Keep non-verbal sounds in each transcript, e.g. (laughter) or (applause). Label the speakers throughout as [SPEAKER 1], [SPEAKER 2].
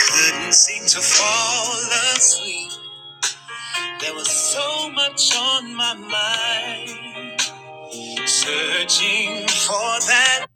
[SPEAKER 1] Couldn't seem to fall asleep. There was so much on my mind. Searching for that.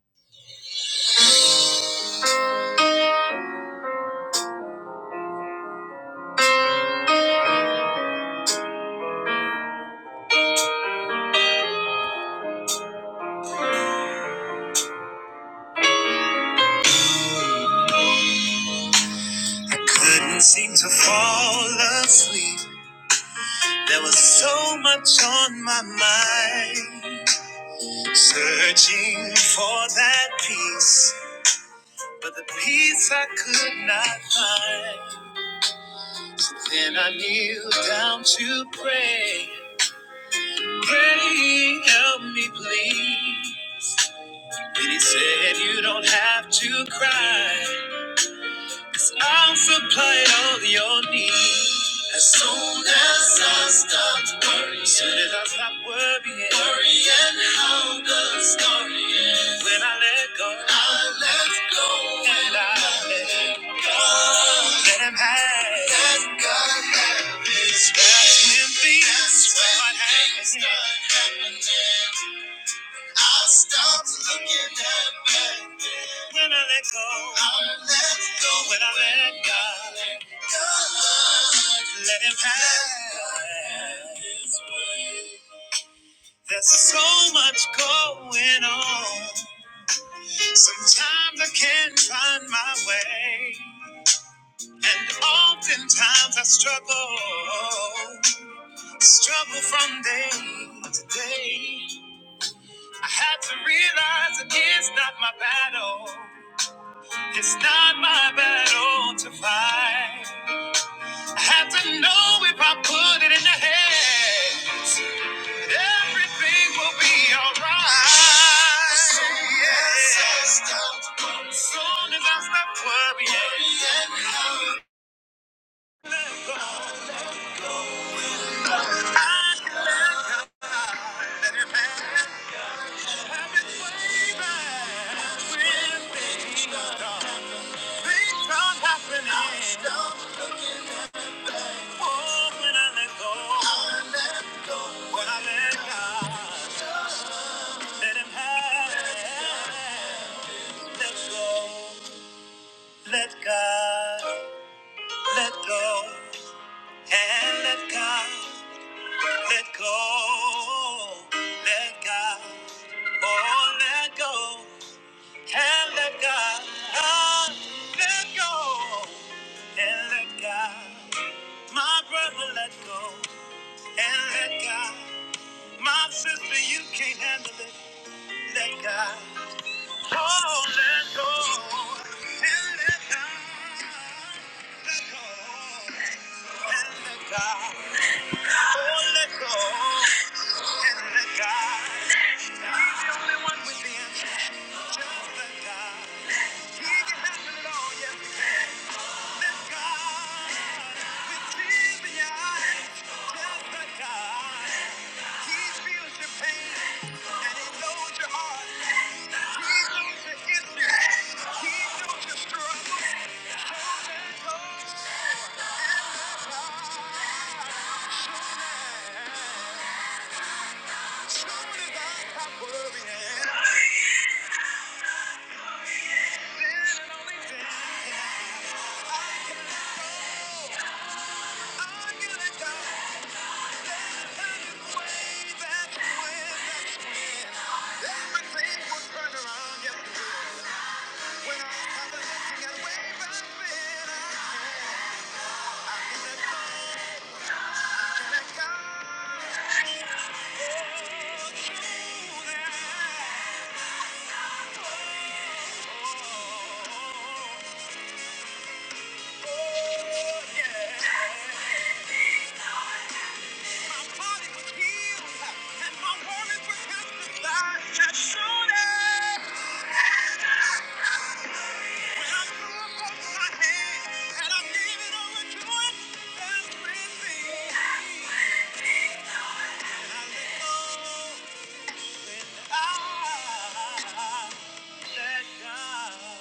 [SPEAKER 1] I couldn't seem to fall asleep. There was so much on my mind. Searching for that peace. But the peace I could not find. Then I kneeled down to pray. Pray, help me please. Then he said, You don't have to cry, i I'll supply all your needs. As soon as I stopped worrying, as soon as I stopped worrying, worrying how the story is. When I let go, I let go, and I let God Let him have, let God have his way. That's when things, That's when start things happening. start happening. I stopped looking at back then. When I let go, I let go. When I let God, God let Him have His way. There's so much going on. Sometimes I can't find my way. And oftentimes I struggle, struggle from day to day. I had to realize it is not my battle. It's not my battle to fight. I have to know if I put it in the hands that everything will be alright. Soon as I stop soon as I stop worrying, when things start, things start happening. Oh, when I let go, when I let God, let Him have it. Let go, let God, let go. And let God, let go, let God, oh, let go. And let God, ah, let go. And let God, my brother, let go. And let God, my sister, you can't handle it. Let God, oh, let go. And let God, let go. And let God, oh, let go. the only and worrying, then Yeah. When faith yes, it (laughs) Ah, God.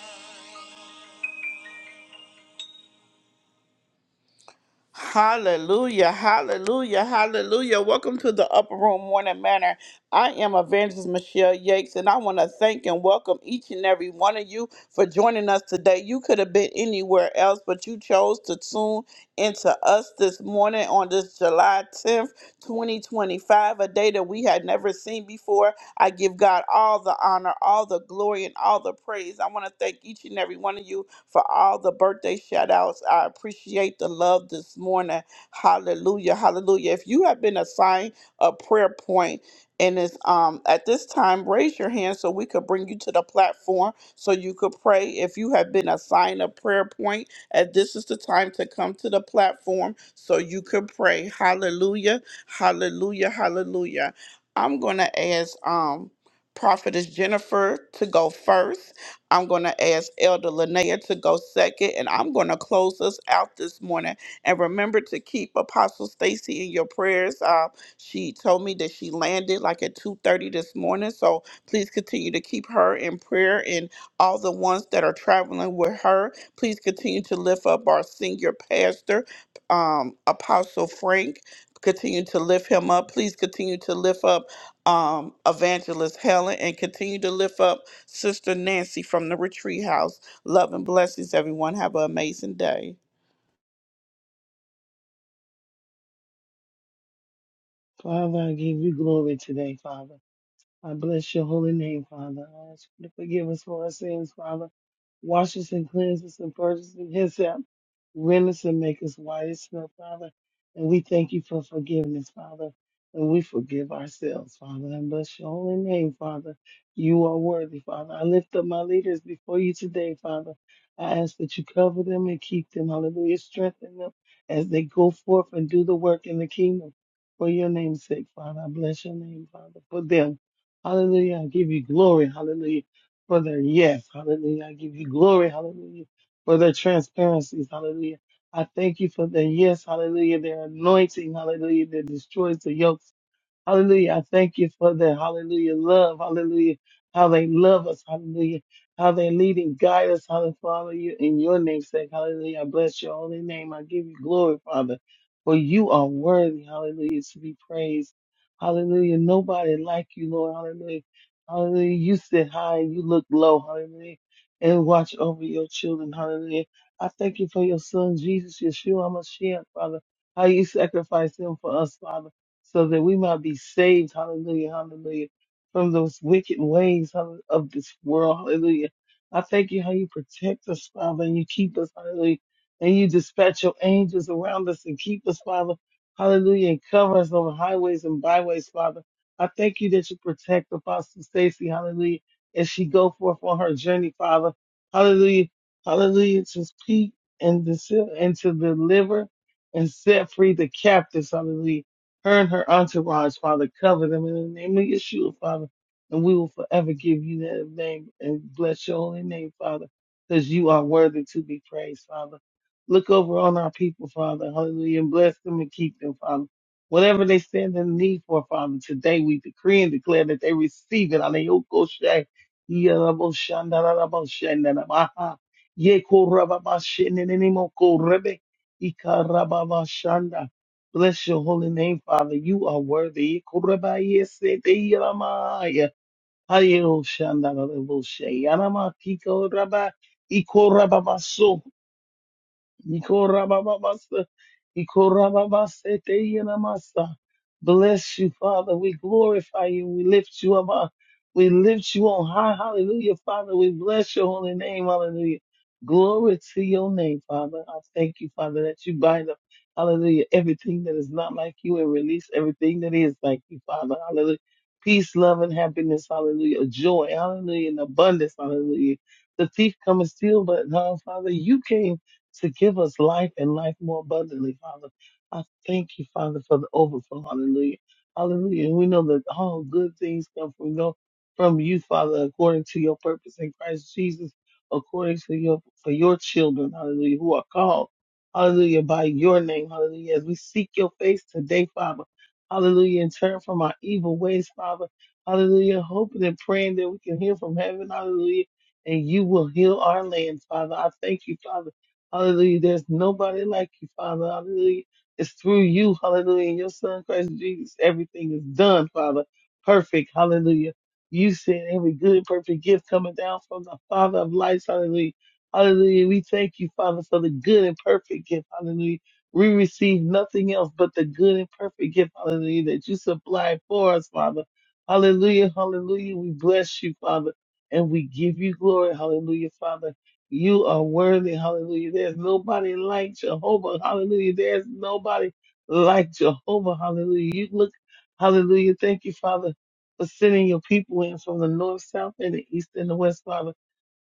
[SPEAKER 1] Hallelujah, hallelujah, hallelujah. Welcome to the Upper Room Morning Manor. I am Evangelist Michelle Yakes, and I want to thank and welcome each and every one of you for joining us today. You could have been anywhere else, but you chose to tune into us this morning on this July 10th, 2025, a day that we had never seen before. I give God all the honor, all the glory, and all the praise. I want to thank each and every one of you for all the birthday shout outs. I appreciate the love this morning. Hallelujah. Hallelujah. If you have been assigned a prayer point and it's um at this time, raise your hand so we could bring you to the platform so you could pray. If you have been assigned a prayer point, and this is the time to come to the platform so you could pray. Hallelujah. Hallelujah. Hallelujah. I'm gonna ask um Prophetess Jennifer to go first I'm going to ask Elder Linnea to go second, and I'm going to close us out this morning. And remember to keep Apostle Stacy in your prayers. Uh, she told me that she landed like at 2:30 this morning, so please continue to keep her in prayer and all the ones that are traveling with her. Please continue to lift up our senior pastor, um, Apostle Frank. Continue to lift him up. Please continue to lift up um, Evangelist Helen and continue to lift up Sister Nancy from the retreat house. Love and blessings, everyone. Have an amazing day.
[SPEAKER 2] Father, I give you glory today, Father. I bless your holy name, Father. I ask you to forgive us for our sins, Father. Wash us and cleanse us and purge us in His help. Rend us and make us white as snow, Father. And we thank you for forgiveness, Father. And we forgive ourselves, Father. And bless your holy name, Father. You are worthy, Father. I lift up my leaders before you today, Father. I ask that you cover them and keep them. Hallelujah. Strengthen them as they go forth and do the work in the kingdom. For your name's sake, Father. I bless your name, Father, for them. Hallelujah. I give you glory. Hallelujah. For their yes. Hallelujah. I give you glory. Hallelujah. For their transparencies. Hallelujah. I thank you for their yes. Hallelujah. Their anointing. Hallelujah. That destroys the yokes. Hallelujah. I thank you for the hallelujah love. Hallelujah. How they love us. Hallelujah. How they lead and guide us. Hallelujah. Father, you in your name's sake. Hallelujah. I bless your holy name. I give you glory, Father, for you are worthy. Hallelujah. To be praised. Hallelujah. Nobody like you, Lord. Hallelujah. Hallelujah. You sit high and you look low. Hallelujah. And watch over your children. Hallelujah. I thank you for your son, Jesus, Yeshua, Mashiach, Father. How you sacrificed him for us, Father so that we might be saved, hallelujah, hallelujah, from those wicked ways of of this world, hallelujah. I thank you how you protect us, Father, and you keep us, hallelujah, and you dispatch your angels around us and keep us, Father, hallelujah, and cover us over highways and byways, Father. I thank you that you protect Apostle Stacy, hallelujah, as she go forth on her journey, Father, hallelujah, hallelujah, to speak and to, and to deliver and set free the captives, hallelujah her and her entourage, Father, cover them in the name of Yeshua, Father. And we will forever give you that name and bless your holy name, Father, because you are worthy to be praised, Father. Look over on our people, Father. Hallelujah. And bless them and keep them, Father. Whatever they stand in need for, Father, today we decree and declare that they receive it. Aleyokoshe, yaraboshandaraboshandaramaha, yekorababashenenenimokorebe, ikarababashanda. Bless your holy name, Father. You are worthy. Kurabayeseteyaramaya. Hayoshandaraboshe. Yaramakiko raba- ikorababaso. Ikorabababasa, ikorababasete yenamasa. Bless you, Father. We glorify you. We lift you up. uh, We lift you on high. Hallelujah, Father. We bless your holy name. Hallelujah. Glory to your name, Father. I thank you, Father, that you bind up, hallelujah, everything that is not like you and release everything that is like you, Father. Hallelujah. Peace, love, and happiness. Hallelujah. Joy. Hallelujah. And abundance. Hallelujah. The thief cometh steal, but, uh, Father, you came to give us life and life more abundantly, Father. I thank you, Father, for the overflow. Hallelujah. Hallelujah. And we know that all good things come from God, from you, Father, according to your purpose in Christ Jesus, according to your for your children, hallelujah, who are called, hallelujah, by your name, hallelujah. As we seek your face today, Father, hallelujah, and turn from our evil ways, Father, hallelujah, hoping and praying that we can hear from heaven, hallelujah, and you will heal our land, Father. I thank you, Father Hallelujah. There's nobody like you, Father. Hallelujah. It's through you. Hallelujah. In your son, Christ Jesus, everything is done, Father. Perfect. Hallelujah. You said every good, perfect gift coming down from the Father of lights. Hallelujah. Hallelujah. We thank you, Father, for the good and perfect gift. Hallelujah. We receive nothing else but the good and perfect gift. Hallelujah. That you supply for us, Father. Hallelujah. Hallelujah. We bless you, Father, and we give you glory. Hallelujah, Father. You are worthy, hallelujah. There's nobody like Jehovah, hallelujah. There's nobody like Jehovah, hallelujah. You look, hallelujah. Thank you, Father, for sending your people in from the north, south, and the east and the west, Father.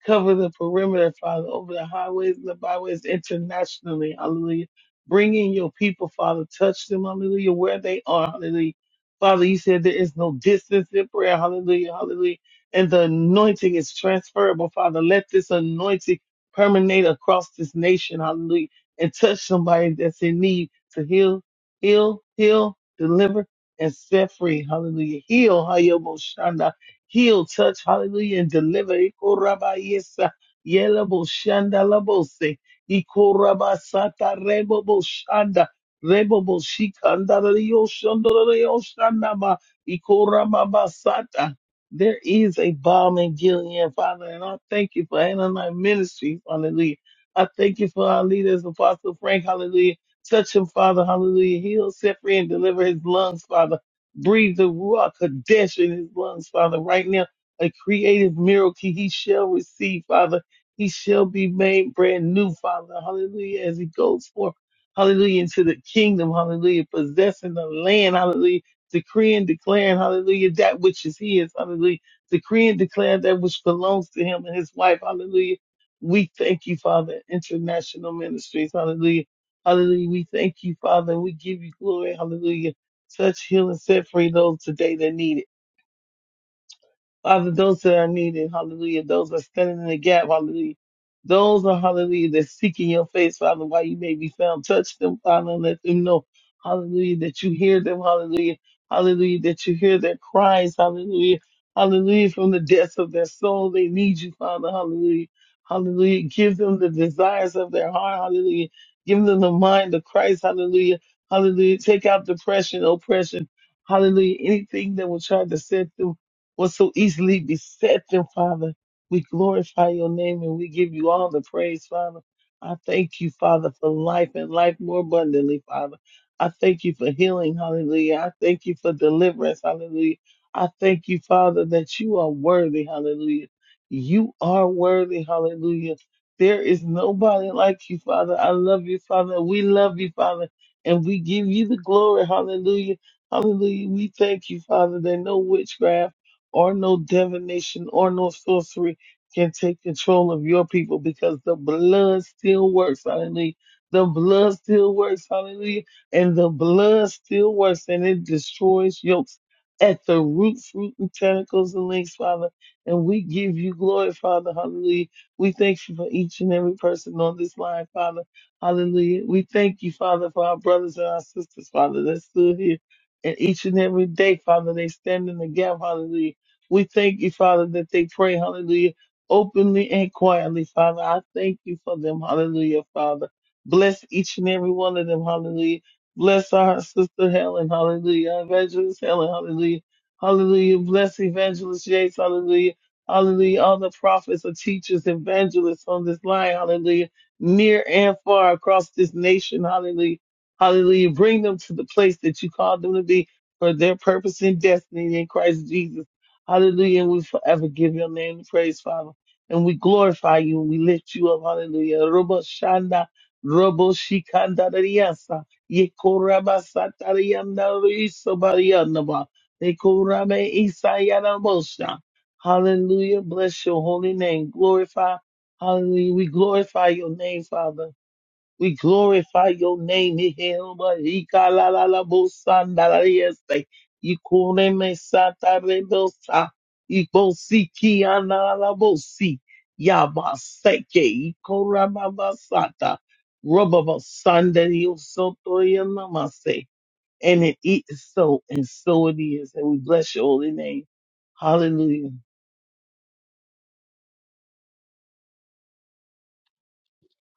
[SPEAKER 2] Cover the perimeter, Father, over the highways and the byways internationally. Hallelujah. Bring in your people, Father. Touch them, hallelujah, where they are. Hallelujah. Father, you said there is no distance in prayer. Hallelujah. Hallelujah. And the anointing is transferable, Father. Let this anointing permeate across this nation. Hallelujah. And touch somebody that's in need to heal, heal, heal, deliver, and set free. Hallelujah. Heal, heal, touch, hallelujah, and deliver. Ikorabayesa, yelabo, shanda, labose, ikorabasata, rebobo, shanda, rebobo, shikanda, leo, shanda, leo, shanda, ma, ikorababasata. There is a bomb in Gilead, Father, and I thank you for Ananite Ministries, hallelujah. I thank you for our leaders, Apostle Frank, hallelujah. Touch him, Father, hallelujah. Heal, set free, and deliver his lungs, Father. Breathe the Ruach Kadesh in his lungs, Father, right now. A creative miracle he shall receive, Father. He shall be made brand new, Father. Hallelujah. As he goes forth, hallelujah, into the kingdom, hallelujah, possessing the land, hallelujah, decreeing, declaring, hallelujah, that which is his, hallelujah, decreeing, declaring that which belongs to him and his wife, hallelujah. We thank you, Father, international ministries, hallelujah. Hallelujah. We thank you, Father, and we give you glory, hallelujah. Touch, heal, and set free those today that need it. Father, those that are needed, hallelujah. Those that are standing in the gap, hallelujah. Those are, hallelujah, that seeking your face, Father, while you may be found. Touch them, Father, and let them know, hallelujah, that you hear them, hallelujah. Hallelujah, that you hear their cries, hallelujah. Hallelujah, from the depths of their soul, they need you, Father, hallelujah. Hallelujah. Give them the desires of their heart, hallelujah. Give them the mind of Christ, hallelujah. Hallelujah. Take out depression, oppression, hallelujah. Anything that will try to set them was so easily besetting, Father. We glorify your name and we give you all the praise, Father. I thank you, Father, for life and life more abundantly, Father. I thank you for healing, hallelujah. I thank you for deliverance, hallelujah. I thank you, Father, that you are worthy, hallelujah. You are worthy, hallelujah. There is nobody like you, Father. I love you, Father. We love you, Father. And we give you the glory, hallelujah. Hallelujah. We thank you, Father, that no witchcraft or no divination or no sorcery can take control of your people because the blood still works. Hallelujah. The blood still works. Hallelujah. And the blood still works and it destroys yokes at the root, fruit, and tentacles and links, Father. And we give you glory, Father. Hallelujah. We thank you for each and every person on this line, Father. Hallelujah. We thank you, Father, for our brothers and our sisters, Father, that stood here. And each and every day, Father, they stand in the gap, hallelujah we thank you, Father, that they pray, hallelujah, openly and quietly, Father. I thank you for them, hallelujah, Father. Bless each and every one of them, hallelujah. Bless our sister Helen, hallelujah. Evangelist Helen, hallelujah. Hallelujah. Bless Evangelist Yates, hallelujah. Hallelujah. All the prophets and teachers, evangelists on this line, hallelujah. Near and far across this nation, hallelujah. Hallelujah. Bring them to the place that you called them to be for their purpose and destiny in Christ Jesus. Hallelujah. And we forever give your name the praise, Father. And we glorify you and we lift you up. Hallelujah. Robo Shanda, Robo Shikanda Riasa, Yekoraba Satarianda Riso Barianaba, Yekorame Isayana Mosha. Hallelujah. Bless your holy name. Glorify. Hallelujah. We glorify your name, Father. We glorify your name. Ihilba, Ika, la, la, la, bo, san, da, la, yes, Ikune, me, sa, ta, re, do, sa. Ipo, si, ki, an, la, la, bo, si. Ya, ba, Iko, ra, ba, sa, ta. Rubba, ba, san, da, yo, so, to, ya, na, ma, se. And it is so, and so it is. And we bless your holy name. Hallelujah.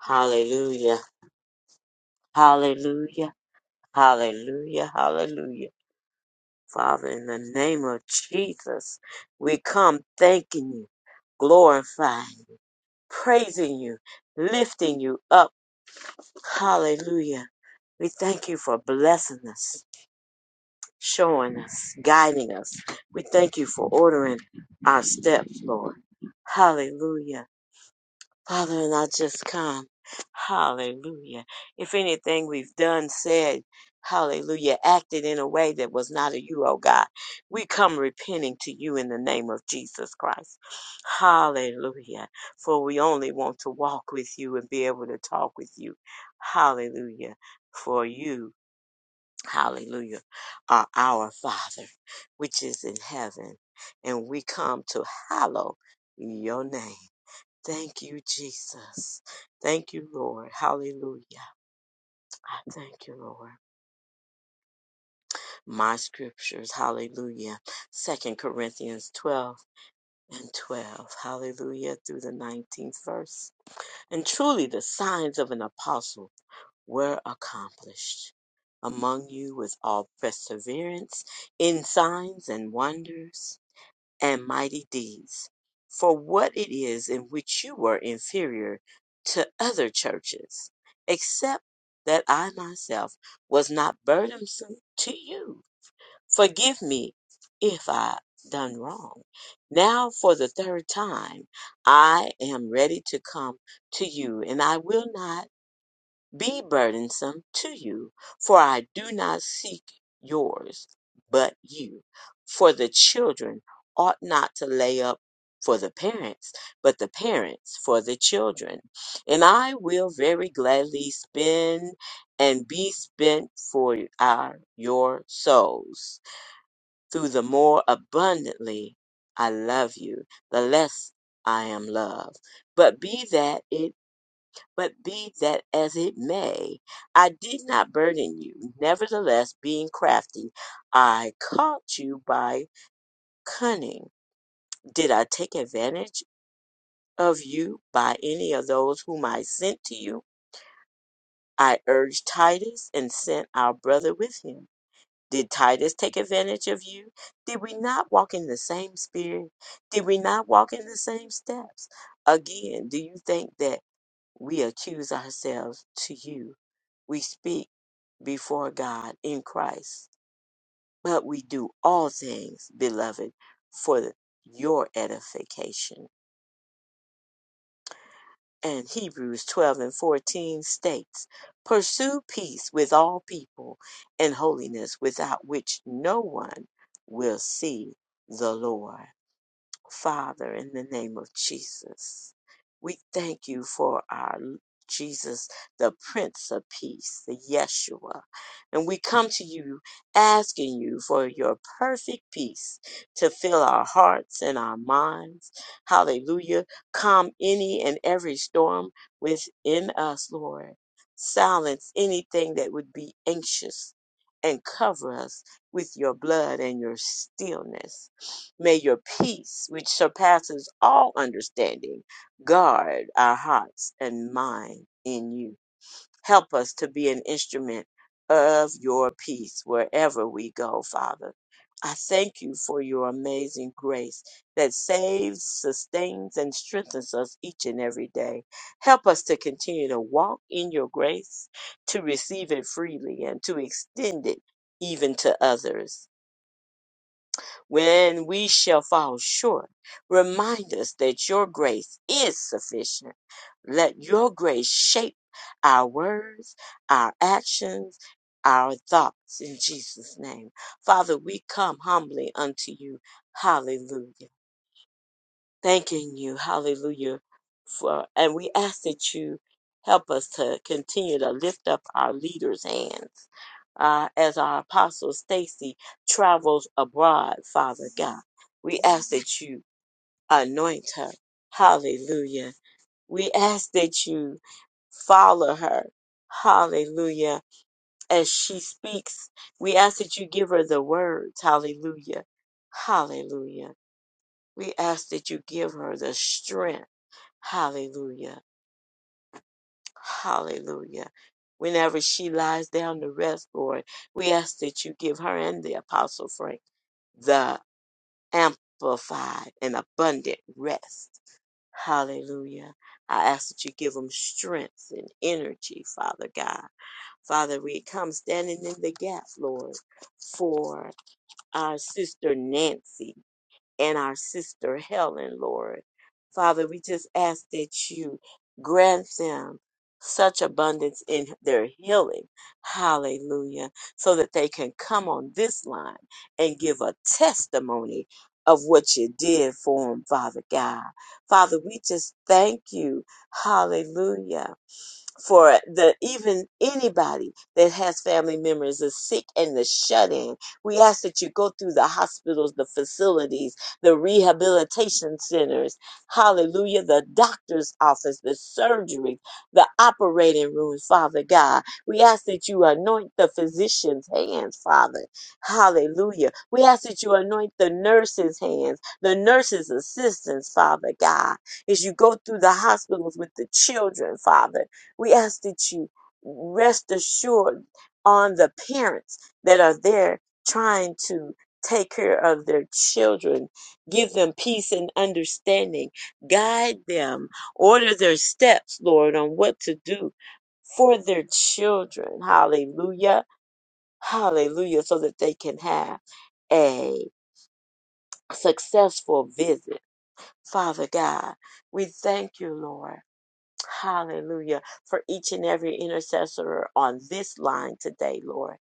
[SPEAKER 3] Hallelujah. Hallelujah. Hallelujah. Hallelujah. Father, in the name of Jesus, we come thanking you, glorifying, praising you, lifting you up. Hallelujah. We thank you for blessing us, showing us, guiding us. We thank you for ordering our steps, Lord. Hallelujah. Father, and I just come. Hallelujah. If anything we've done, said, hallelujah, acted in a way that was not of you, oh God, we come repenting to you in the name of Jesus Christ. Hallelujah. For we only want to walk with you and be able to talk with you. Hallelujah. For you, hallelujah, are our Father, which is in heaven. And we come to hallow your name. Thank you, Jesus. Thank you, Lord. Hallelujah. I thank you, Lord. My scriptures, hallelujah. Second Corinthians 12 and 12, hallelujah, through the 19th verse. And truly the signs of an apostle were accomplished among you with all perseverance in signs and wonders and mighty deeds, for what it is in which you were inferior to other churches, except that I myself was not burdensome to you. Forgive me if I done wrong. Now for the third time I am ready to come to you, and I will not be burdensome to you, for I do not seek yours, but you. For the children ought not to lay up for the parents, but the parents for the children. And I will very gladly spend and be spent for our, your souls. Through the more abundantly I love you, the less I am loved. But be that it. But be that as it may, I did not burden you. Nevertheless, being crafty, I caught you by cunning. Did I take advantage of you by any of those whom I sent to you? I urged Titus and sent our brother with him. Did Titus take advantage of you? Did we not walk in the same spirit? Did we not walk in the same steps? Again, do you think that we accuse ourselves to you? We speak before God in Christ. But we do all things, beloved, for the- your edification. And Hebrews 12 and 14 states, Pursue peace with all people and holiness, without which no one will see the Lord. Father, in the name of Jesus. We thank you for our Jesus, the Prince of Peace, the Yeshua. And we come to you asking you for your perfect peace to fill our hearts and our minds. Hallelujah. Calm any and every storm within us, Lord. Silence anything that would be anxious and cover us with your blood and your stillness. May your peace, which surpasses all understanding, guard our hearts and mind in you. Help us to be an instrument of your peace wherever we go, Father. I thank you for your amazing grace that saves, sustains, and strengthens us each and every day. Help us to continue to walk in your grace, to receive it freely, and to extend it even to others when we shall fall short. Remind us that your grace is sufficient. Let your grace shape our words, our actions, our thoughts in Jesus' name. Father, we come humbly unto you. Hallelujah thanking you, hallelujah, for and we ask that you help us to continue to lift up our leaders' hands uh, as our apostle Stacy travels abroad, Father God. We ask that you anoint her. Hallelujah. We ask that you follow her. Hallelujah. As she speaks, we ask that you give her the words. Hallelujah. Hallelujah. We ask that you give her the strength. Hallelujah. Hallelujah. Whenever she lies down to rest, Lord, we ask that you give her and the Apostle Frank the amplified and abundant rest. Hallelujah. I ask that you give them strength and energy, Father God. Father, we come standing in the gap, Lord, for our sister Nancy. and our sister Helen, Lord. Father, we just ask that you grant them such abundance in their healing. Hallelujah. So that they can come on this line and give a testimony of what you did for them, Father God. Father, we just thank you. Hallelujah for the even anybody that has family members is sick and the shut in. We ask that you go through the hospitals, the facilities, the rehabilitation centers, hallelujah, the doctor's office, the surgery, the operating room, Father God. We ask that you anoint the physician's hands, Father. Hallelujah. We ask that you anoint the nurse's hands, the nurse's assistants, Father God as you go through the hospitals with the children, Father. We ask that you rest assured on the parents that are there trying to take care of their children. Give them peace and understanding. Guide them. Order their steps, Lord, on what to do for their children. Hallelujah. Hallelujah. So that they can have a successful visit. Father God, we thank you, Lord. Hallelujah. For each and every intercessor on this line today, Lord.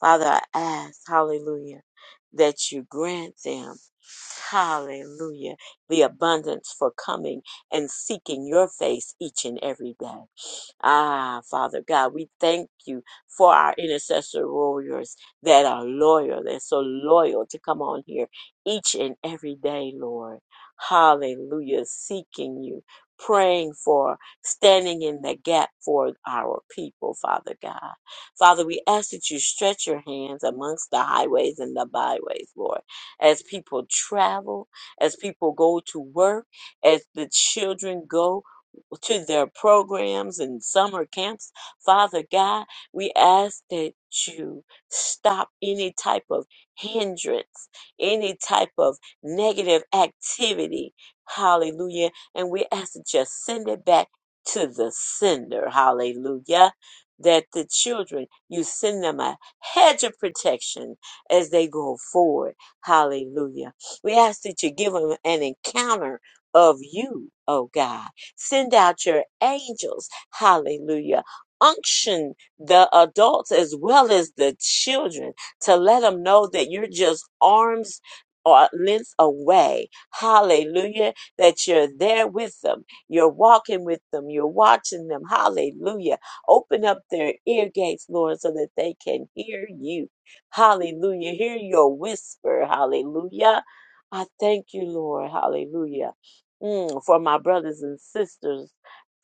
[SPEAKER 3] Father, I ask, hallelujah, that you grant them, hallelujah, the abundance for coming and seeking your face each and every day. Ah, Father God, we thank you for our intercessor warriors that are loyal, they're so loyal to come on here each and every day, Lord. Hallelujah. Seeking you, praying for, standing in the gap for our people, Father God. Father, we ask that you stretch your hands amongst the highways and the byways, Lord, as people travel, as people go to work, as the children go to their programs and summer camps. Father God, we ask that you stop any type of hindrance, any type of negative activity. Hallelujah. And we ask that you send it back to the sender. Hallelujah. That the children, you send them a hedge of protection as they go forward. Hallelujah. We ask that you give them an encounter of you, oh God. Send out your angels. Hallelujah. Unction the adults as well as the children to let them know that you're just arms or lengths away. Hallelujah. That you're there with them. You're walking with them. You're watching them. Hallelujah. Open up their ear gates, Lord, so that they can hear you. Hallelujah. Hear your whisper. Hallelujah. I thank you, Lord. Hallelujah Mm, for my brothers and sisters,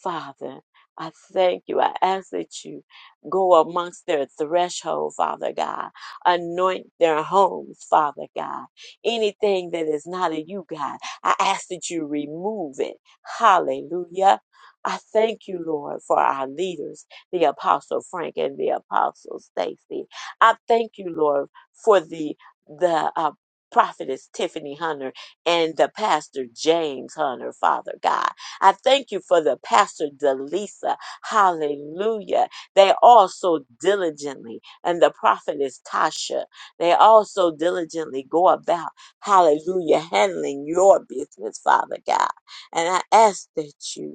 [SPEAKER 3] Father. I thank you. I ask that you go amongst their threshold, Father God. Anoint their homes, Father God. Anything that is not of you, God, I ask that you remove it. Hallelujah. I thank you, Lord, for our leaders, the Apostle Frank and the Apostle Stacy. I thank you, Lord, for the the uh, prophetess Tiffany Hunter and the pastor James Hunter, Father God. I thank you for the pastor Delisa. Hallelujah. They also diligently, and the prophetess Tasha, they also diligently go about, hallelujah, handling your business, Father God. And I ask that you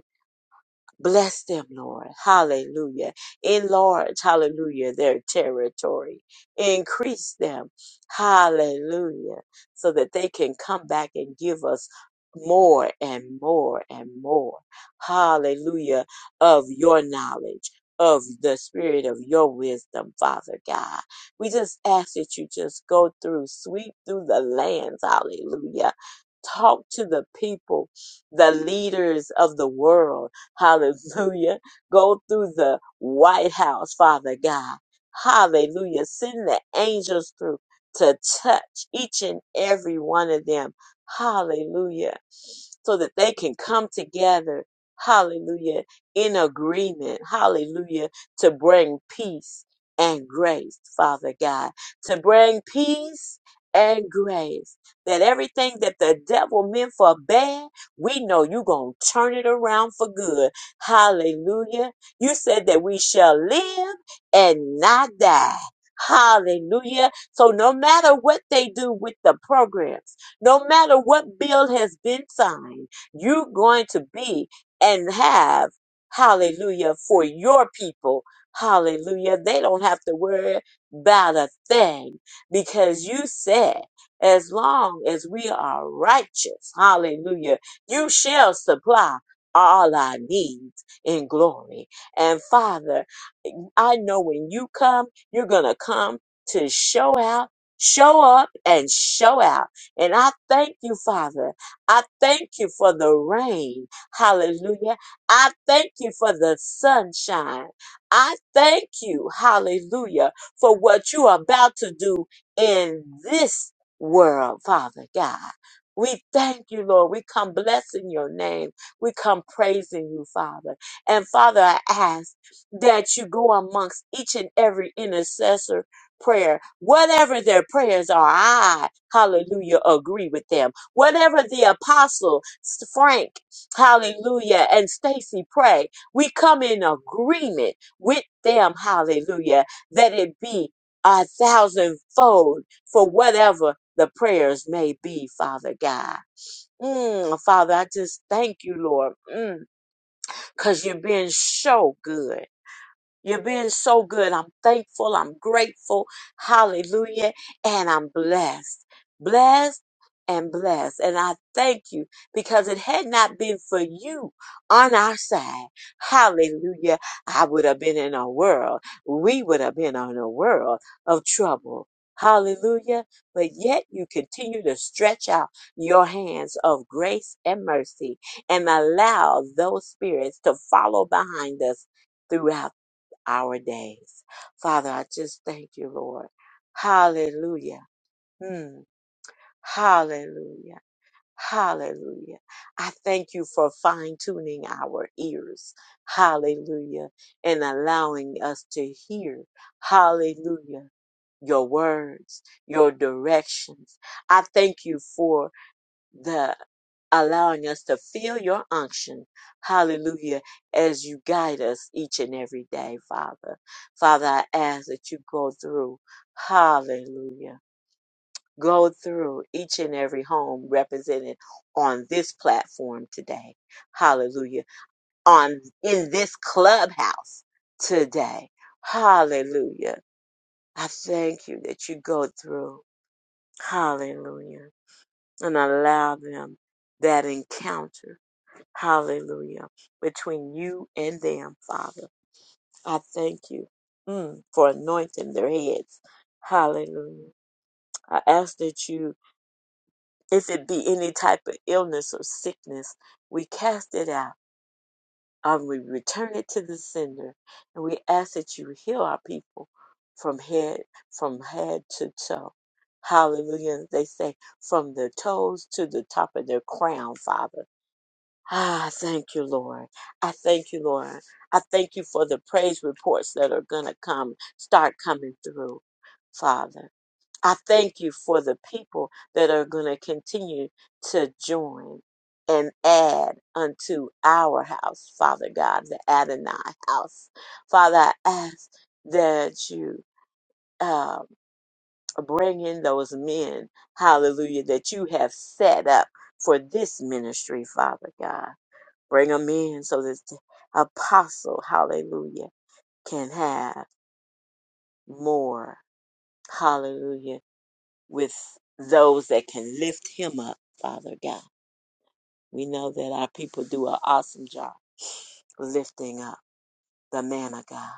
[SPEAKER 3] Bless them, Lord. Hallelujah. Enlarge, hallelujah, their territory. Increase them. Hallelujah. So that they can come back and give us more and more and more. Hallelujah. Of your knowledge, of the spirit of your wisdom, Father God. We just ask that you just go through, sweep through the lands. Hallelujah. Talk to the people, the leaders of the world Hallelujah. Go through the White House, Father God. Hallelujah. Send the angels through to touch each and every one of them. Hallelujah. So that they can come together. Hallelujah. In agreement. Hallelujah. To bring peace and grace, Father God. To bring peace and grace. That everything that the devil meant for bad. We know you're going to turn it around for good. Hallelujah. You said that we shall live and not die. Hallelujah. So no matter what they do with the programs, no matter what bill has been signed, you're going to be and have hallelujah for your people. Hallelujah. They don't have to worry about a thing because you said as long as we are righteous, hallelujah you shall supply all our needs in glory. And Father, I know when you come, you're going to come to show out, show up, and show out. And I thank you, Father. I thank you for the rain. Hallelujah. I thank you for the sunshine. I thank you, hallelujah, for what you are about to do in this world, Father God. We thank you, Lord. We come blessing your name. We come praising you, Father. And Father, I ask that you go amongst each and every intercessor prayer. Whatever their prayers are, I, hallelujah, agree with them. Whatever the apostle Frank, hallelujah, and Stacy pray, we come in agreement with them, hallelujah, that it be a thousandfold for whatever the prayers may be, Father God. Mm, Father, I just thank you, Lord, mm, because you've been so good. You're being so good. I'm thankful. I'm grateful. Hallelujah. And I'm blessed. Blessed and blessed. And I thank you because it had not been for you on our side. Hallelujah. I would have been in a world. We would have been on a world of trouble. Hallelujah. But yet you continue to stretch out your hands of grace and mercy and allow those spirits to follow behind us throughout our days. Father, I just thank you, Lord. Hallelujah. Hmm. Hallelujah. Hallelujah. I thank you for fine tuning our ears. Hallelujah. And allowing us to hear. Hallelujah. Your words, your directions. I thank you for the allowing us to feel your unction. Hallelujah. As you guide us each and every day, Father. Father, I ask that you go through. Hallelujah. Go through each and every home represented on this platform today. Hallelujah. On in this clubhouse today. Hallelujah. I thank you that you go through. Hallelujah. And allow them that encounter Hallelujah. Between you and them, Father. I thank you mm, for anointing their heads. Hallelujah. I ask that you, if it be any type of illness or sickness, we cast it out and we return it to the sender. And we ask that you heal our people from head from head to toe. Hallelujah. They say from the toes to the top of their crown, Father. Ah, thank you, Lord. I thank you, Lord. I thank you for the praise reports that are going to come, start coming through, Father. I thank you for the people that are going to continue to join and add unto our house, Father God, the Adonai house. Father, I ask that you uh, bring in those men, hallelujah, that you have set up for this ministry, Father God. Bring them in so that the apostle, hallelujah, can have more, hallelujah, with those that can lift him up, Father God. We know that our people do an awesome job lifting up the man of God.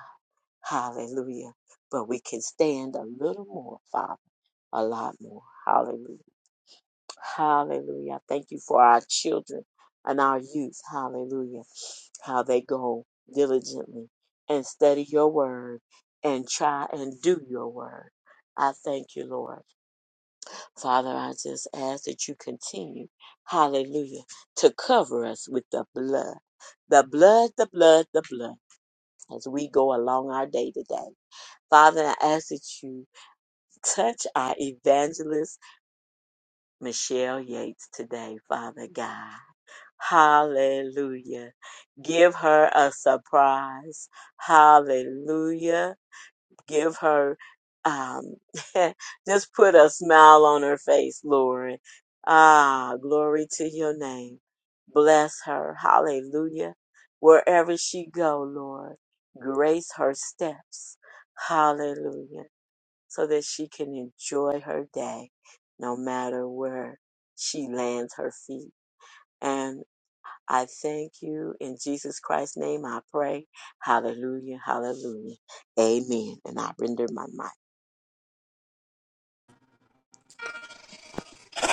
[SPEAKER 3] Hallelujah. But we can stand a little more, Father, a lot more. Hallelujah. Hallelujah. I Thank you for our children and our youth. Hallelujah. How they go diligently and study your word and try and do your word. I thank you, Lord. Father, I just ask that you continue, hallelujah, to cover us with the blood. The blood, the blood, the blood as we go along our day to day. Father, I ask that you touch our evangelist, Michelle Yates, today, Father God. Hallelujah. Give her a surprise. Hallelujah. Give her, um, (laughs) just put a smile on her face, Lord. Ah, glory to your name. Bless her. Hallelujah. Wherever she go, Lord, grace her steps. Hallelujah. So that she can enjoy her day, no matter where she lands her feet I thank you. In Jesus Christ's name, I pray. Hallelujah, hallelujah. Amen. And I render my mic.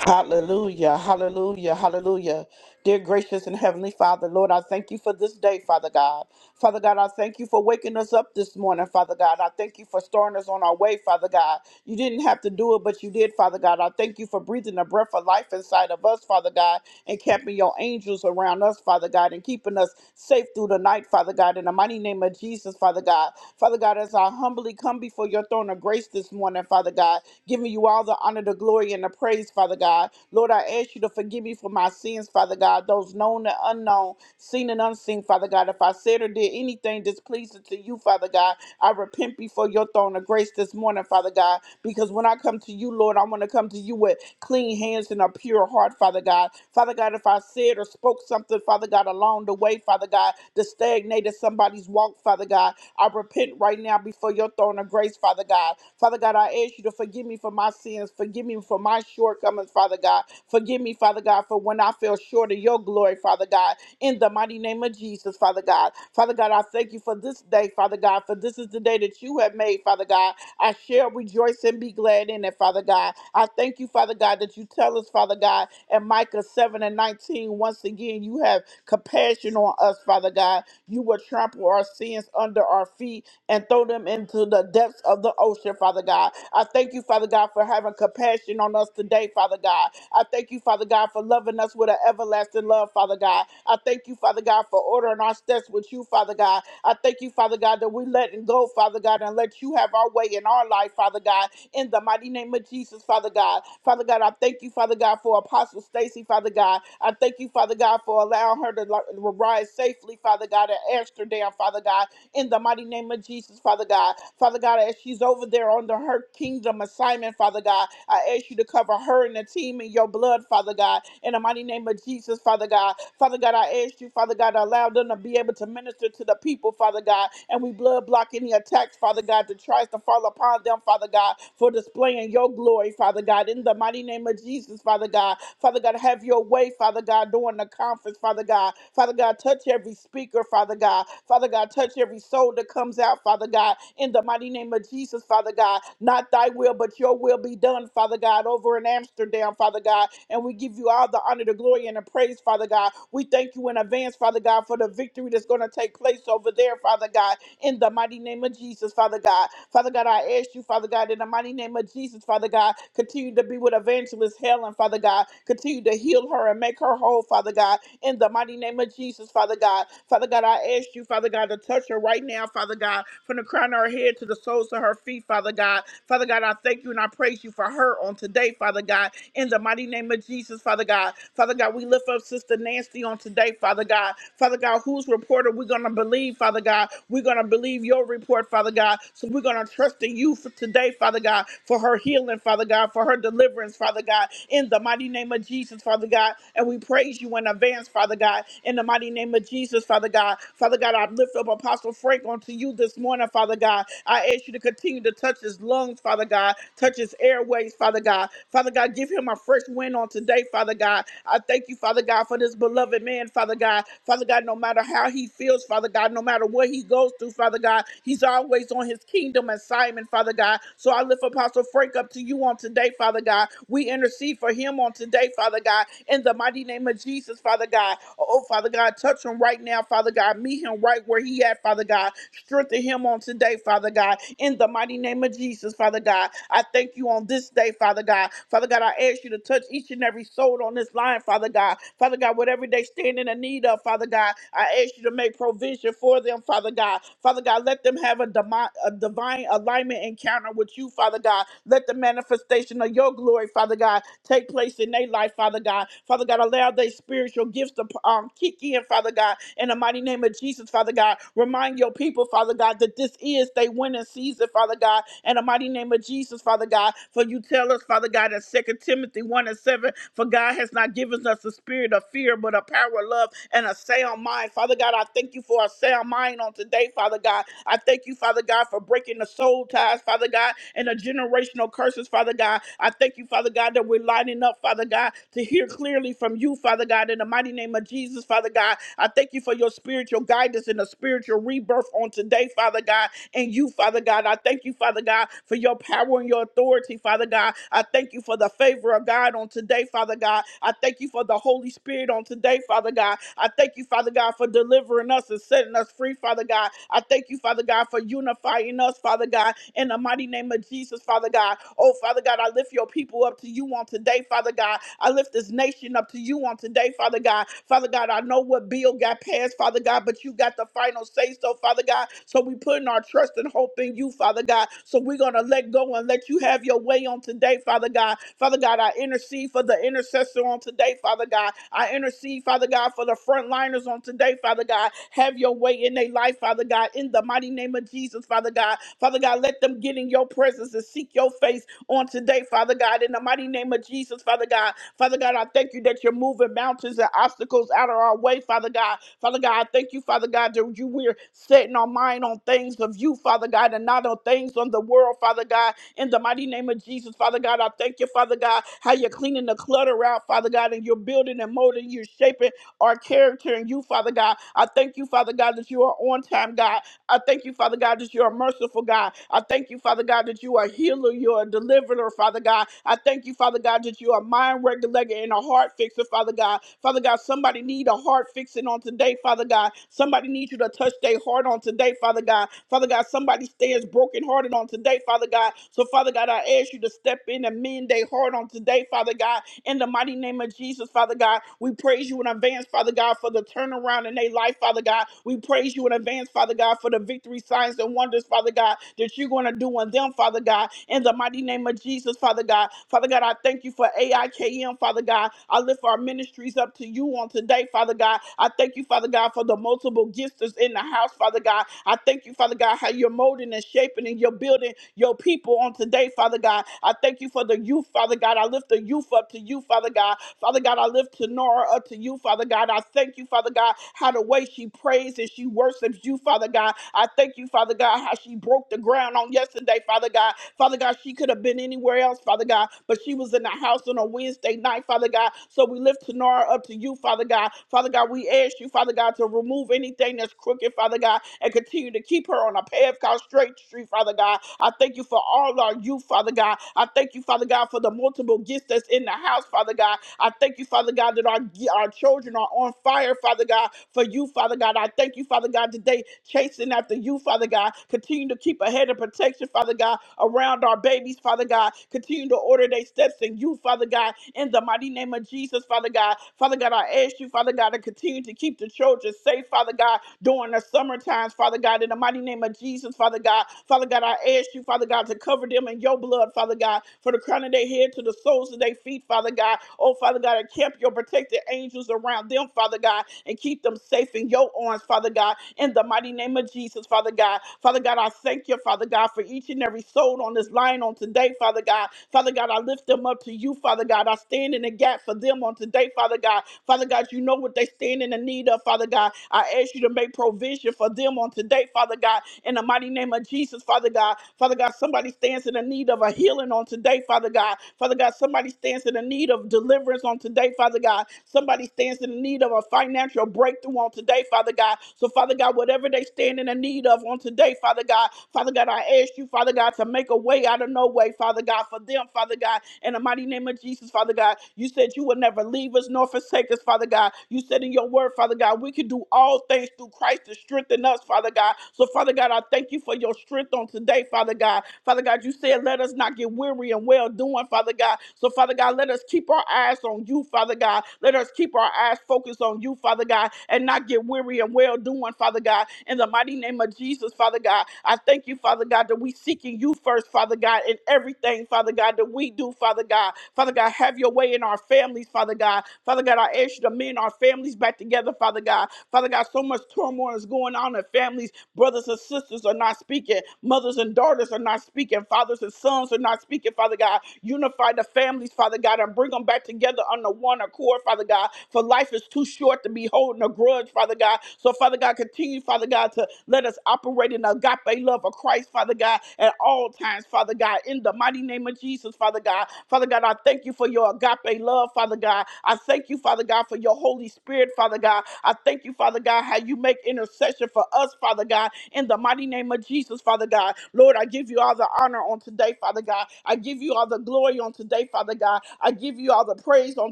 [SPEAKER 1] Hallelujah, hallelujah, hallelujah. Dear gracious and heavenly Father, Lord, I thank you for this day, Father God. Father God, I thank you for waking us up this morning, Father God. I thank you for starting us on our way, Father God. You didn't have to do it, but you did, Father God. I thank you for breathing the breath of life inside of us, Father God, and camping your angels around us, Father God, and keeping us safe through the night, Father God. In the mighty name of Jesus, Father God. Father God, as I humbly come before your throne of grace this morning, Father God, giving you all all the honor, the glory, and the praise, Father God. Lord, I ask you to forgive me for my sins, Father God, those known and unknown, seen and unseen, Father God. If I said or did anything displeasing to you, Father God, I repent before your throne of grace this morning, Father God, because when I come to you, Lord, I want to come to you with clean hands and a pure heart, Father God. Father God, if I said or spoke something, Father God, along the way, Father God, that stagnated somebody's walk, Father God, I repent right now before your throne of grace, Father God. Father. Father God, I ask you to forgive me for my sins. Forgive me for my shortcomings, Father God. Forgive me, Father God, for when I fell short of your glory, Father God. In the mighty name of Jesus, Father God. Father God, I thank you for this day, Father God, for this is the day that you have made, Father God. I shall rejoice and be glad in it, Father God. I thank you, Father God, that you tell us, Father God, in Micah 7 and 19, once again, you have compassion on us, Father God. You will trample our sins under our feet and throw them in them into the depths of the ocean, Father God. I thank you, Father God, for having compassion on us today, Father God. I thank you, Father God, for loving us with an everlasting love, Father God. I thank you, Father God, for ordering our steps with you, Father God. I thank you, Father God, that we letting go, Father God, and let you have our way in our life, Father God. In the mighty name of Jesus, Father God. Father God, I thank you, Father God, for Apostle Stacy, Father God. I thank you, Father God, for allowing her to li- rise safely, Father God, in Amsterdam, Father God in the mighty name of Jesus, Father God. Father God, as she's over there under her kingdom assignment, Father God, I ask you to cover her and the team in your blood, Father God, in the mighty name of Jesus, Father God. Father God, I ask you, Father God, to allow them to be able to minister to the people, Father God, and we blood block any attacks, Father God, that tries to fall upon them, Father God, for displaying your glory, Father God, in the mighty name of Jesus, Father God. Father God, have your way, Father God, during the conference conference, Father God. Father God, touch every speaker, Father God. Father God, touch every soul that comes out, Father God, in the mighty name of Jesus, Father God. Not thy will, but your will be done, Father God, over in Amsterdam, Father God. And we give you all the honor, the glory, and the praise, Father God. We thank you in advance, Father God, for the victory that's going to take place over there, Father God, in the mighty name of Jesus, Father God. Father God, I ask you, Father God, in the mighty name of Jesus, Father God, continue to be with advance evangelist Helen, Father God. Continue to heal her and make her whole, Father God. In the mighty name of Jesus, Father God. Father God, I ask you, Father God, to touch her right now, Father God, from the crown of her head to the soles of her feet, Father God. Father God, I thank you and I praise you for her on today, Father God. In the mighty name of Jesus, Father God. Father God, we lift up Sister Nancy on today, Father God. Father God, whose report are we going to believe, Father God? We're going to believe your report, Father God. So we're going to trusting you for today, Father God, for her healing, Father God, for her deliverance, Father God, in the mighty name of Jesus, Father God. And we praise you in advance, Father God, in the mighty name of Jesus, Father God. Father God, I lift up Apostle Frank onto you this morning, Father God. I ask you to continue to touch his lungs, Father God, touch his airways, Father God. Father God, give him a fresh wind on today, Father God. I thank you, Father God, for this beloved man, Father God. Father God, no matter how he feels, bills, Father God. No matter what he goes through, Father God, he's always on his kingdom assignment, Father God. So I lift Apostle Frank up to you on today, Father God. We intercede for him on today, Father God, in the mighty name of Jesus, Father God. Oh, Father God, touch him right now, Father God. Meet him right where he at, Father God. Strengthen him on today, Father God, in the mighty name of Jesus, Father God. I thank you on this day, Father God. Father God, I ask you to touch each and every soul on this line, Father. Father God. Father God, whatever they stand in the need of, Father God, I ask you to make provision for them, Father God. Father God, let them have a, demi- a divine alignment encounter with you, Father God. Let the manifestation of your glory, Father God, take place in their life, Father God. Father God, allow their spiritual gifts to um, kick in, Father God. In the mighty name of Jesus, Father God, remind your people, Father God, that this is their winning season, Father God. In the mighty name of Jesus, Father God, for for you tell us, Father God, in Second Timothy 1 and 7, for God has not given us a spirit of fear, but a power of love and a sound mind. Father God, I thank you for a sound mind on today, Father God. I thank you, Father God, for breaking the soul ties, Father God, and the generational curses, Father God. I thank you, Father God, that we're lining up, Father God, to hear clearly from you, Father God, in the mighty name of Jesus, Father God. I thank you for your spiritual guidance and the spiritual rebirth on today, Father God and you, Father God. I thank you, Father God, for your power and your authority, Father God. I thank you for the favor of God on today, Father God. I thank you for the Holy Spirit on today, Father God. I thank you, Father God, for delivering us and setting us free, Father God. I thank you, Father God, for unifying us, Father God, in the mighty name of Jesus, Father God. Oh, Father God, I lift your people up to you on today, Father God. I lift this nation up to you on today, Father God. God. Father God, I know what bill got passed, Father God, but you got the final say so, Father God. So we putting our trust and hope in you, Father God. So we're going to let go and let you have your way on today, Father God. Father God, I intercede for the intercessor on today, Father God. I intercede, Father God, for the frontliners on today, Father God. Have your way in their life, Father God, in the mighty name of Jesus, Father God. Father God, let them get in your presence and seek your face on today, Father God, in the mighty name of Jesus, Father God. Father God, I thank you that you're moving mountains and obstacles out of our way, Father God. Father God, I thank you, Father God, that you we're setting our mind on things of you, Father God, and not on things on the world, Father God. In the mighty name of Jesus, Father God, I thank you, Father God, how you're cleaning the clutter out, Father God, and you're building and molding, you're shaping our character in you, Father God. I thank you, Father God, that you are on time, God. I thank you, Father God, that you're a merciful God. I thank you, Father God, that you are a healer, you're a deliverer, Father God. I thank you, Father God, that you are a mind regulator and a heart fixer, Father God. Father God, somebody need a heart fixing on today, Father God. Somebody needs you to touch their heart on today, Father God. Father God, somebody stands brokenhearted on today, Father God. So, Father God, I ask you to step in and mend their heart on today, Father God. In the mighty name of Jesus, Father God, we praise you in advance, Father God, for the turnaround in their life, Father God. We praise praise you in advance, Father God, for the victory signs and wonders, Father God, that you're going to do on them, Father God, in the mighty name of Jesus, Father God. Father God, I thank you for AIKM, Father God. I lift our ministries up to you on today, Father God. I thank you, Father God, for the multiple gifts that's in the house, Father God. I thank you, Father God, how you're molding and shaping and you're building your people on today, Father God. I thank you for the youth, Father God. I lift the youth up to you, Father God. Father God, I lift Tenora up to you, Father God. I thank you, Father God, how the way she prays and she worships you, Father God. I thank you, Father God, how she broke the ground on yesterday, Father God. Father God, she could have been anywhere else, Father God, but she was in the house on a Wednesday night, Father God. So we lift Tanara up to you, Father God. Father God, we ask you, Father God, to remove anything that's crooked, Father God, and continue to keep her on a path called straight street, Father God. I thank you for all our youth, Father God. I thank you, Father God, for the multiple gifts that's in the house, Father God. I thank you, Father God, that our, our children are children are on fire, Father God, for you, Father God. I thank you, Father God, today, chasing after you, Father God. Continue to keep a head of protection, Father God, around our babies, Father God. Continue to order their steps in you, Father God, in the mighty name of Jesus, Father God. Father God, I ask you, Father God, to continue to keep the children safe, Father God, during the summer times, Father God, in the mighty name of Jesus, Father God. Father God, I ask you, Father God, to cover them in your blood, Father God, for the crown of their head to the soles of their feet, Father God. Oh, Father God, encamp your protected angels around them, Father God, and keep them safe in your arms, Father God, in the mighty name of Jesus, Father God. Father God, I thank you, Father God, for each and every soul on this line on today, Father God. Father God, I lift them up to you, Father God. I stand in the gap for them on today, Father God. Father God, you know what they stand in the need of, Father God. I ask you to make provision for them on today, Father God, in the mighty name of Jesus, Father God. Father God, somebody stands in the need of a healing on today, Father God. Father God, somebody stands in the need of need of deliverance on today, Father God. Somebody stands in need of a financial breakthrough on today, Father God. So, Father God, whatever they stand in the need of on today, Father God, Father God, I ask you, Father God, to make a way out of no way, Father God, for them, Father God, in the mighty name of Jesus, Father God. You said you would never leave us nor forsake us, Father God. You said in your word, Father God, we can do all things through Christ to strengthen us, Father God. So, Father God, I thank you for your strength on today, Father God. Father God, you said, let us not get weary and well doing, Father. God. So, Father God, let us keep our eyes on you, Father God. Let us keep our eyes focused on you, Father God, and not get weary and well doing, Father God. In the mighty name of Jesus, Father God, I thank you, Father God, that we seeking you first, Father God, in everything, Father God, that we do, Father God. Father God, have your way in our families, Father God. Father God, I ask you to mend our families back together, Father God. Father God, so much turmoil is going on in families. Brothers and sisters are not speaking. Mothers and daughters are not speaking. Fathers and sons are not God, speaking, Father God. Unify the families, Father God, and bring them back together on the one accord, Father God. For life is too short to be holding a grudge, Father God. So, Father God, continue, Father God, to let us operate in the agape love of Christ, Father God, at all times, Father God. In the mighty name of Jesus, Father God. Father God, I thank you for your agape love, Father God. I thank you, Father God, for your Holy Spirit, Father God. I thank you, Father God, how you make intercession for us, Father God. In the mighty name of Jesus, Father God. Lord, I give you all the the honor on today, Father God. I give you all the glory on today, Father God. I give you all the praise on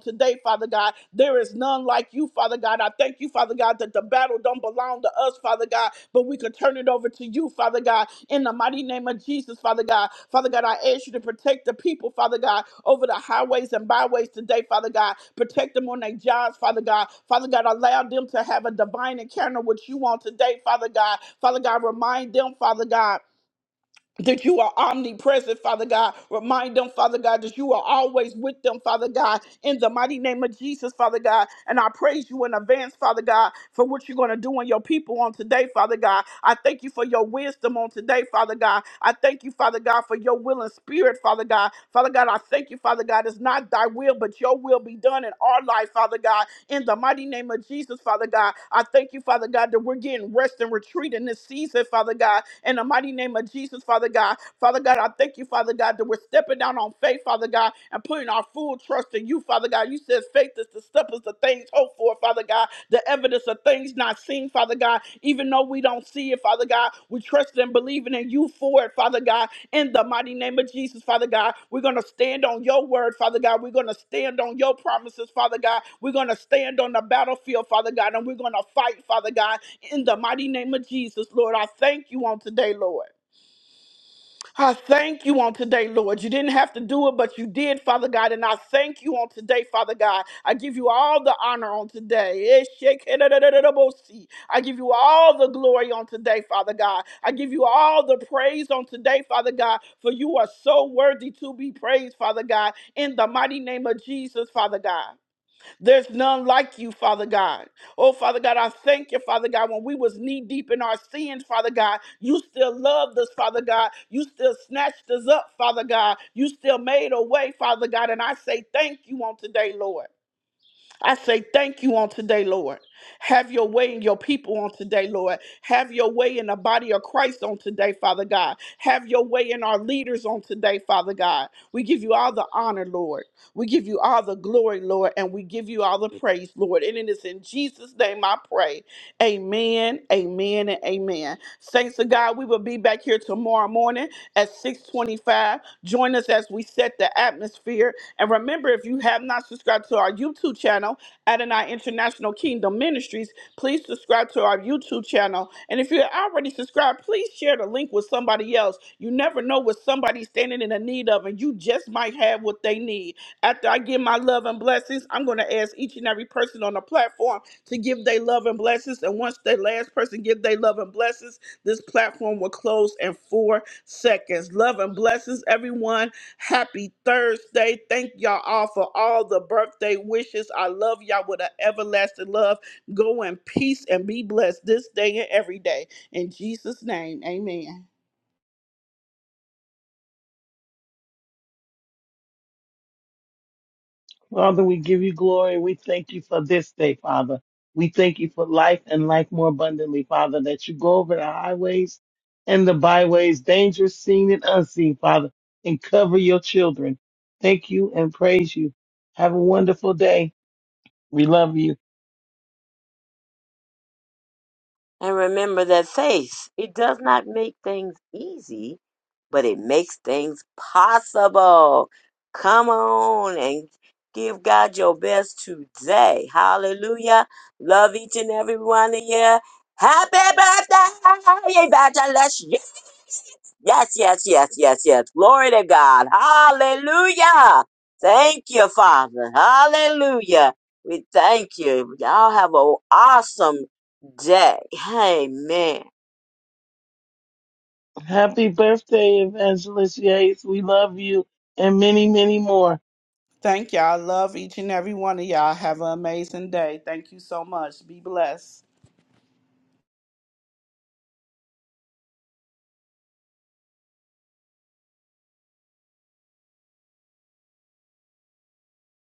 [SPEAKER 1] today, Father God. There is none like you, Father God. I thank you, Father God, that the battle don't belong to us, Father God, but we can turn it over to you, Father God, in the mighty name of Jesus, Father God. Father God, I ask you to protect the people, Father God, over the highways and byways today, Father God. Protect them on their jobs, Father God. Father God, allow them to have a divine encounter with you on today, Father God. Father God, remind them, Father God that you are omnipresent, Father God. Remind them, Father God, that you are always with them, Father God, in the mighty name of Jesus, Father God. And I praise you in advance, Father God, for what you're going to do in your people on today, Father God. I thank you for your wisdom on today, Father God. I thank you, Father God, for your will and spirit, Father God. Father God, I thank you, Father God. It's not thy will, but your will be done in our life, Father God. In the mighty name of Jesus, Father God, I thank you, Father God, that we're getting rest and retreat in this season, it, Father God, in the mighty name of Jesus, Father God. Father God, I thank you, Father God, that we're stepping down on faith, Father God, and putting our full trust in you, Father God. You said faith is the substance of things hoped for, Father God, the evidence of things not seen, Father God. Even though we don't see it, Father God, we trust and believing in you for it, Father God. In the mighty name of Jesus, Father God, we're going to stand on your word, Father God. We're going to stand on your promises, Father God. We're going to stand on the battlefield, Father God, and we're going to fight, Father God in the mighty name of Jesus, Lord. I thank you on today, Lord. I thank you on today, Lord. You didn't have to do it, but you did, Father God. And I thank you on today, Father God. I give you all the honor on today. Eshekedadadadabosi. I give you all the glory on today, Father God. I give you all the praise on today, Father God, for you are so worthy to be praised, Father God, in the mighty name of Jesus, Father God. There's none like you, Father God. Oh, Father God, I thank you, Father God. When we was knee deep in our sins, Father God, you still loved us, Father God. You still snatched us up, Father God. You still made a way, Father God. And I say thank you on today, Lord. I say thank you on today, Lord. Have your way in your people on today, Lord. Have your way in the body of Christ on today, Father God. Have your way in our leaders on today, Father God. We give you all the honor, Lord. We give you all the glory, Lord, and we give you all the praise, Lord. And it is in Jesus' name I pray. Amen, amen, and amen. Saints of God, we will be back here tomorrow morning at 625. Join us as we set the atmosphere and remember, if you have not subscribed to our YouTube channel, Adonai International Kingdom Ministries, please subscribe to our YouTube channel. And if you're already subscribed, please share the link with somebody else. You never know what somebody's standing in the need of, and you just might have what they need. After I give my love and blessings, I'm going to ask each and every person on the platform to give their love and blessings. And once the last person give their love and blessings, this platform will close in four seconds. Love and blessings, everyone. Happy Thursday. Thank y'all all for all the birthday wishes. I love y'all with an everlasting love. Go in peace and be blessed this day and every day. In Jesus' name, amen.
[SPEAKER 2] Father, we give you glory. We thank you for this day, Father. We thank you for life and life more abundantly, Father, that you go over the highways and the byways, dangerous seen and unseen, Father, and cover your children. Thank you and praise you. Have a wonderful day. We love you.
[SPEAKER 3] And remember that faith, it does not make things easy, but it makes things possible. Come on and give God your best today. Hallelujah. Love each and every one of you. Happy birthday, Evangelist Yes, yes, yes, yes, yes. Glory to God. Hallelujah. Thank you, Father. Hallelujah. We thank you. Y'all have an awesome day. Amen.
[SPEAKER 2] Happy birthday, Evangelist Yates. We love you and many, many more.
[SPEAKER 1] Thank y'all. I love each and every one of y'all. Have an amazing day. Thank you so much. Be blessed.